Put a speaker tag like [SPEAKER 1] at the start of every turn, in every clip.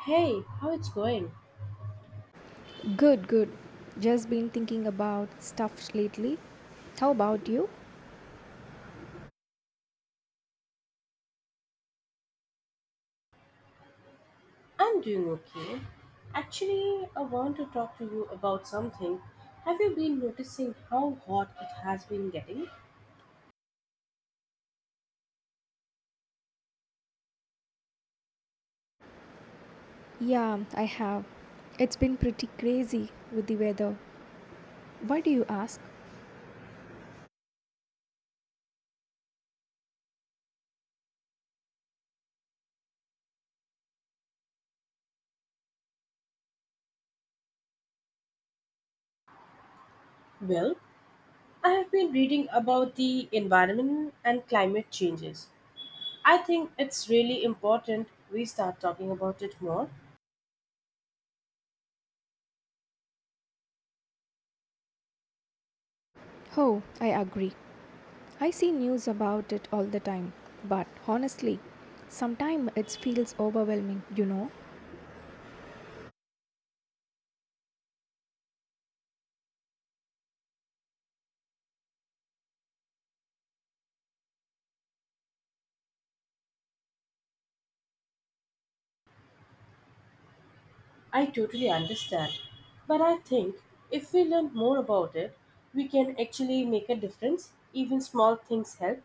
[SPEAKER 1] Hey, how it's going?
[SPEAKER 2] Good, good. Just been thinking about stuff lately. How about you?
[SPEAKER 1] I'm doing okay. Actually, I want to talk to you about something. Have you been noticing how hot it has been getting?
[SPEAKER 2] Yeah, I have. It's been pretty crazy with the weather. Why do you ask?
[SPEAKER 1] Well, I have been reading about the environment and climate changes. I think it's really important we start talking about it more.
[SPEAKER 2] Oh, I agree. I see news about it all the time. But honestly, sometimes it feels overwhelming,
[SPEAKER 1] I totally understand. But I think if we learn more about it, we can actually make a difference. Even small things help.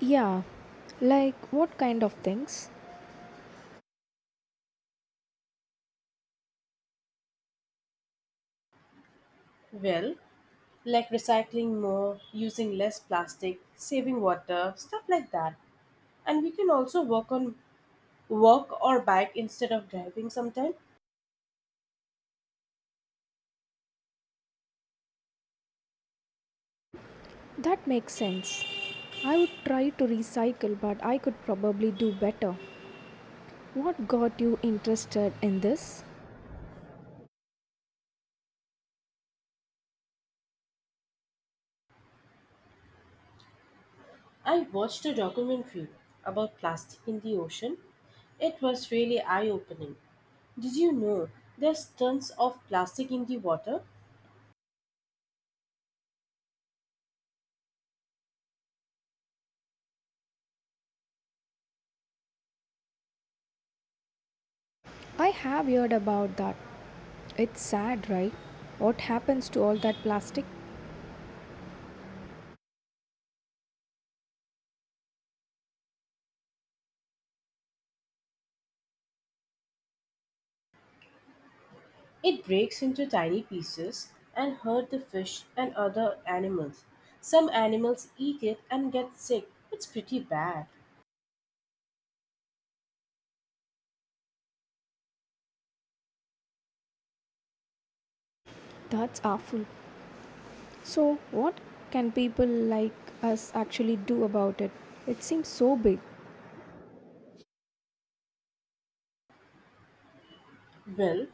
[SPEAKER 2] Yeah, like what kind of things?
[SPEAKER 1] Well, like recycling more, using less plastic, saving water, stuff like that. And we can also work on walk or bike instead of driving sometime.
[SPEAKER 2] That makes sense. I would try to recycle, but I could probably do better. What got you interested in this?
[SPEAKER 1] I watched a documentary about plastic in the ocean. It was really eye-opening. Did you know there's tons of plastic in the water?
[SPEAKER 2] I have heard about that. It's sad, right? What happens to all that plastic?
[SPEAKER 1] It breaks into tiny pieces and hurt the fish and other animals. Some animals eat it and get sick. It's pretty bad.
[SPEAKER 2] That's awful. So, what can people like us actually do about it? It seems so big.
[SPEAKER 1] Well,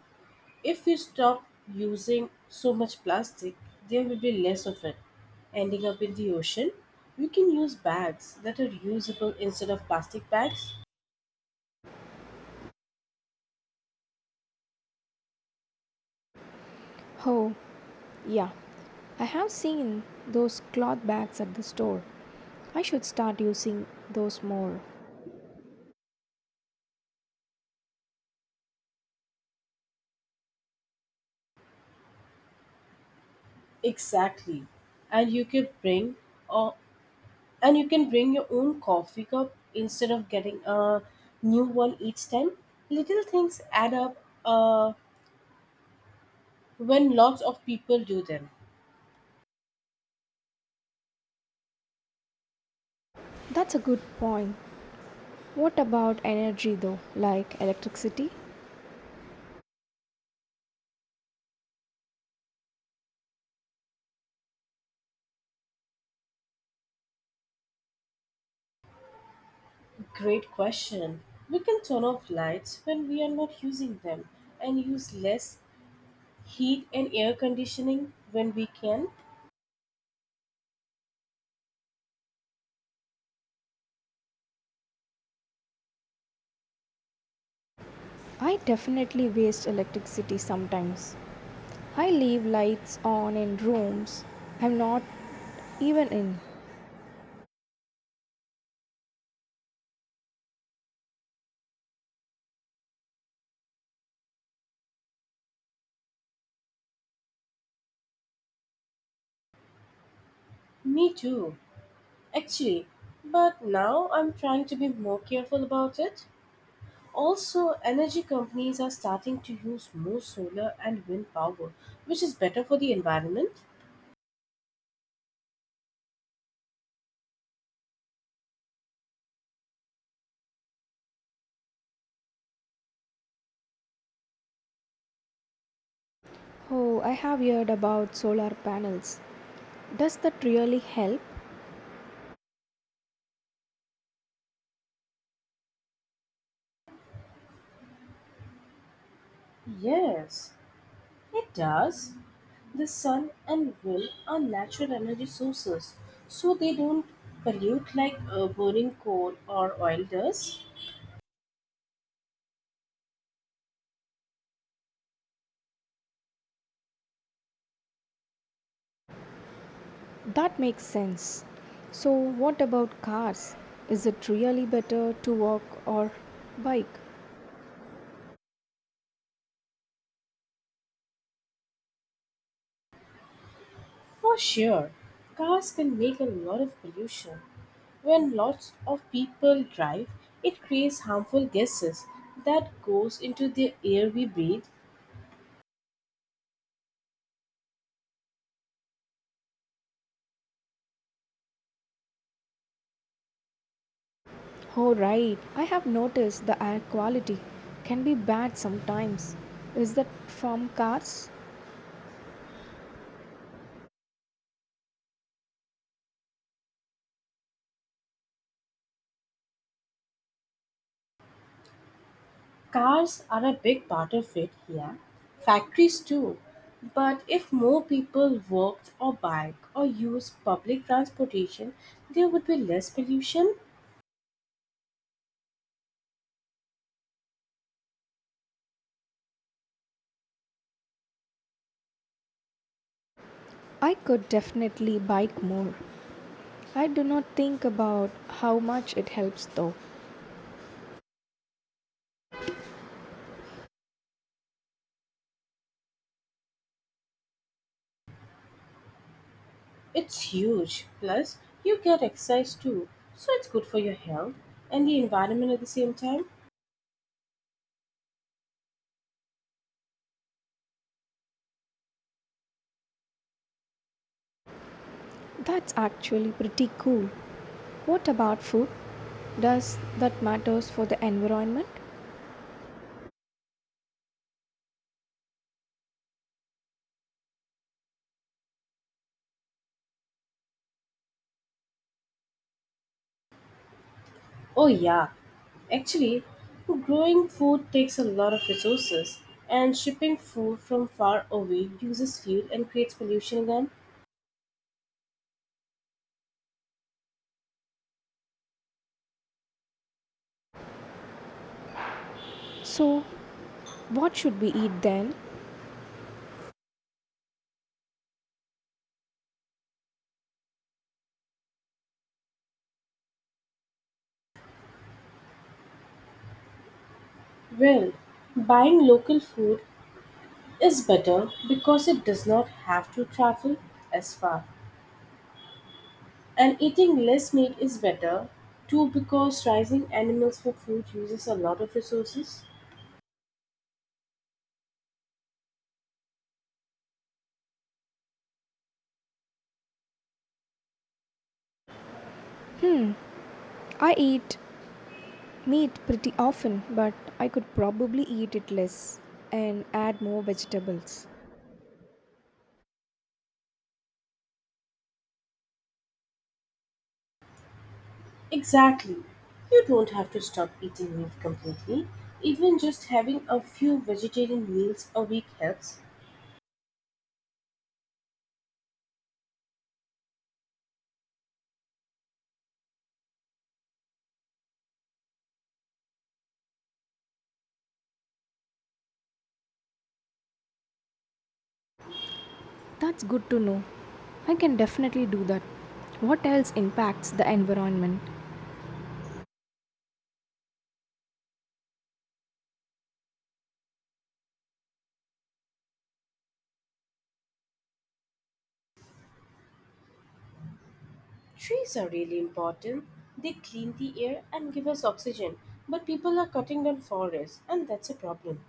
[SPEAKER 1] if we stop using so much plastic, there will be less of it ending up in the ocean. We can use bags that are reusable instead of plastic bags.
[SPEAKER 2] Oh, yeah. I have seen those cloth bags at the store. I should start using those more.
[SPEAKER 1] Exactly. And you can bring or and you can bring your own coffee cup instead of getting a new one each time. Little things add up when lots of people do them.
[SPEAKER 2] That's a good point. What about energy though, like electricity?
[SPEAKER 1] Great question. We can turn off lights when we are not using them and use less heat and air conditioning when we can?
[SPEAKER 2] I definitely waste electricity sometimes. I leave lights on in rooms I'm not even in.
[SPEAKER 1] Me too, actually. But now I'm trying to be more careful about it. Also, energy companies are starting to use more solar and wind power, which is better for the environment.
[SPEAKER 2] Oh, I have heard about solar panels. Does that really help?
[SPEAKER 1] Yes, it does. The sun and wind are natural energy sources, so they don't pollute like burning coal or oil does.
[SPEAKER 2] That makes sense. So, what about cars? Is it really better to walk or bike?
[SPEAKER 1] For sure, cars can make a lot of pollution. When lots of people drive, it creates harmful gases that goes into the air we breathe.
[SPEAKER 2] Oh, right. I have noticed the air quality can be bad sometimes. Is that from cars?
[SPEAKER 1] Cars are a big part of it here. Factories too. But if more people walked or bike or used public transportation, there would be less pollution.
[SPEAKER 2] I could definitely bike more. I do not think about how much it helps though.
[SPEAKER 1] It's huge. Plus, you get exercise too, so it's good for your health and the environment at the same time.
[SPEAKER 2] That's actually pretty cool. What about food? Does that matters for the environment?
[SPEAKER 1] Oh, yeah. Actually, growing food takes a lot of resources, and shipping food from far away uses fuel and creates pollution again.
[SPEAKER 2] So, what should we eat then?
[SPEAKER 1] Well, buying local food is better because it does not have to travel as far. And eating less meat is better too because raising animals for food uses a lot of resources.
[SPEAKER 2] I eat meat pretty often, but I could probably eat it less and add more vegetables.
[SPEAKER 1] Exactly. You don't have to stop eating meat completely. Even just having a few vegetarian meals a week helps.
[SPEAKER 2] That's good to know. I can definitely do that. What else impacts the environment?
[SPEAKER 1] Trees are really important. They clean the air and give us oxygen. But people are cutting down forests, and that's a problem.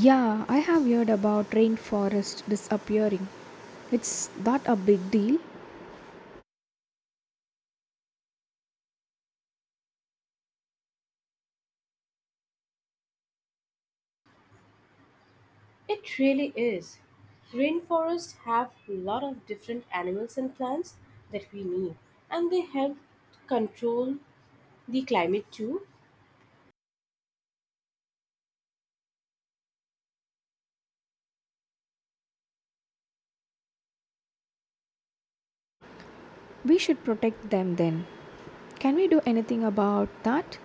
[SPEAKER 2] Yeah, I have heard about rainforest disappearing. It's that a big deal?
[SPEAKER 1] It really is. Rainforests have a lot of different animals and plants that we need, and they help control the climate too.
[SPEAKER 2] We should protect them then. Can we do anything about that?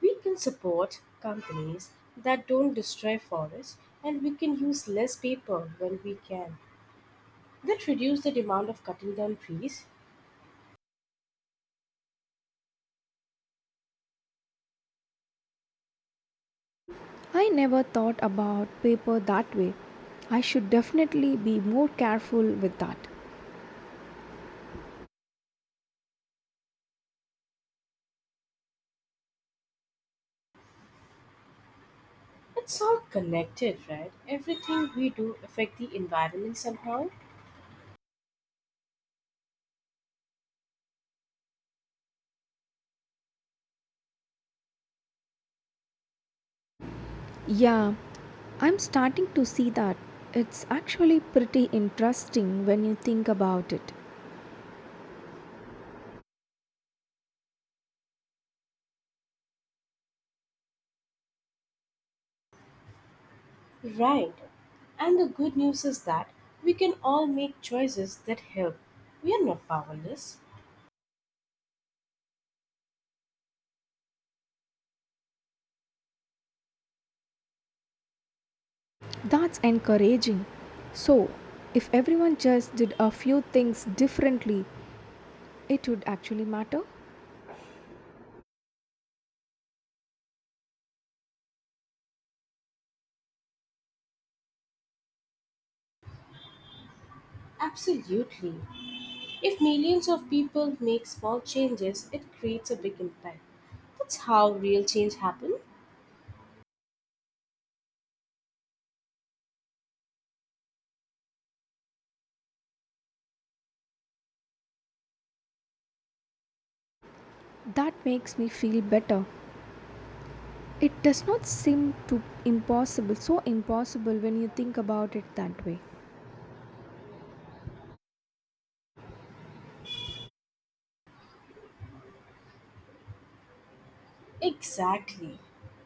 [SPEAKER 1] We can support companies that don't destroy forests, and we can use less paper when we can. That reduce the demand of cutting down trees.
[SPEAKER 2] I never thought about paper that way. I should definitely be more careful with that.
[SPEAKER 1] It's all connected, right? Everything we do affect the environment somehow.
[SPEAKER 2] Yeah, I'm starting to see that. It's actually pretty interesting when you think about it.
[SPEAKER 1] Right. And the good news is that we can all make choices that help. We are not powerless.
[SPEAKER 2] That's encouraging. So, if everyone just did a few things differently, it would actually matter.
[SPEAKER 1] Absolutely. If millions of people make small changes, it creates a big impact. That's how real change happens.
[SPEAKER 2] That makes me feel better. It does not seem too impossible, so impossible when you think about it that way.
[SPEAKER 1] Exactly.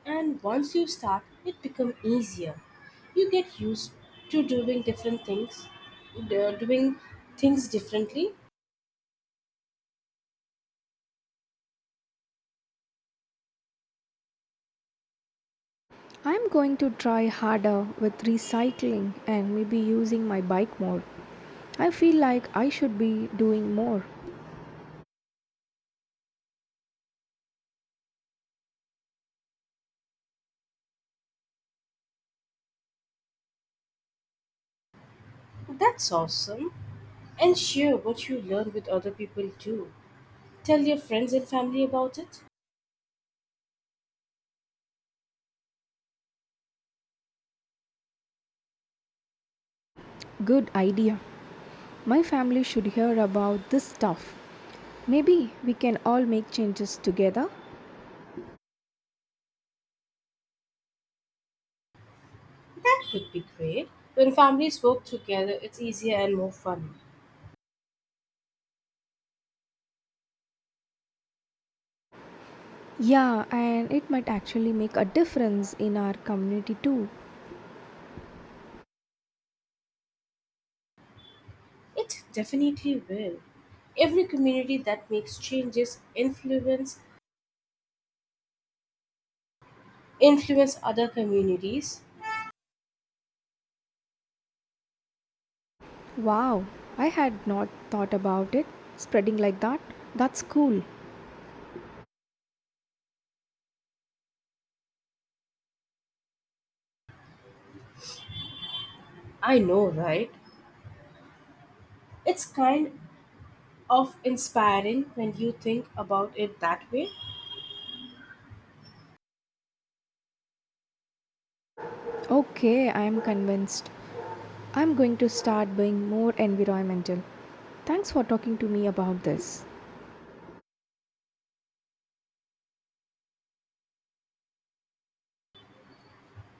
[SPEAKER 1] And once you start, it becomes easier. You get used to doing different things, doing things differently,
[SPEAKER 2] I'm going to try harder with recycling and maybe using my bike more. I feel like I should be doing more.
[SPEAKER 1] that's awesome. And share what you learn with other people too. Tell your friends and family about it.
[SPEAKER 2] Good idea. My family should hear about this stuff. Maybe we can all make changes together.
[SPEAKER 1] That would be great. When families work together, it's easier and more fun.
[SPEAKER 2] Yeah, and it might actually make a difference in our community too.
[SPEAKER 1] It definitely will. Every community that makes changes influence other communities.
[SPEAKER 2] Wow, I had not thought about it spreading like that. That's cool.
[SPEAKER 1] I know, right? It's kind of inspiring when you think about it that way.
[SPEAKER 2] Okay, I am convinced. I'm going to start being more environmental. Thanks for talking to me about this.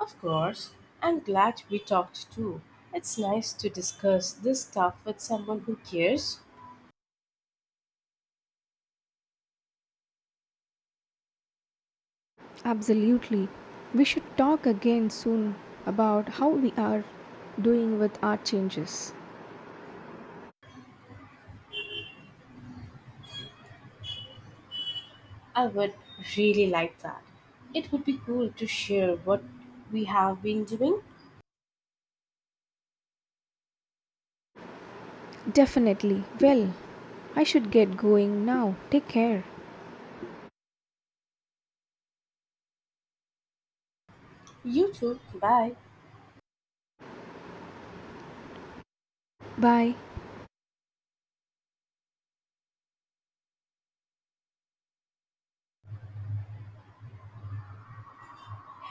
[SPEAKER 1] Of course, I'm glad we talked too. It's nice to discuss this stuff with someone who cares.
[SPEAKER 2] Absolutely. We should talk again soon about how we are doing with our changes.
[SPEAKER 1] I would really like that. It would be cool to share what we have been doing.
[SPEAKER 2] Definitely. Well, I should get going now. Take care.
[SPEAKER 1] You too. Bye.
[SPEAKER 2] Bye.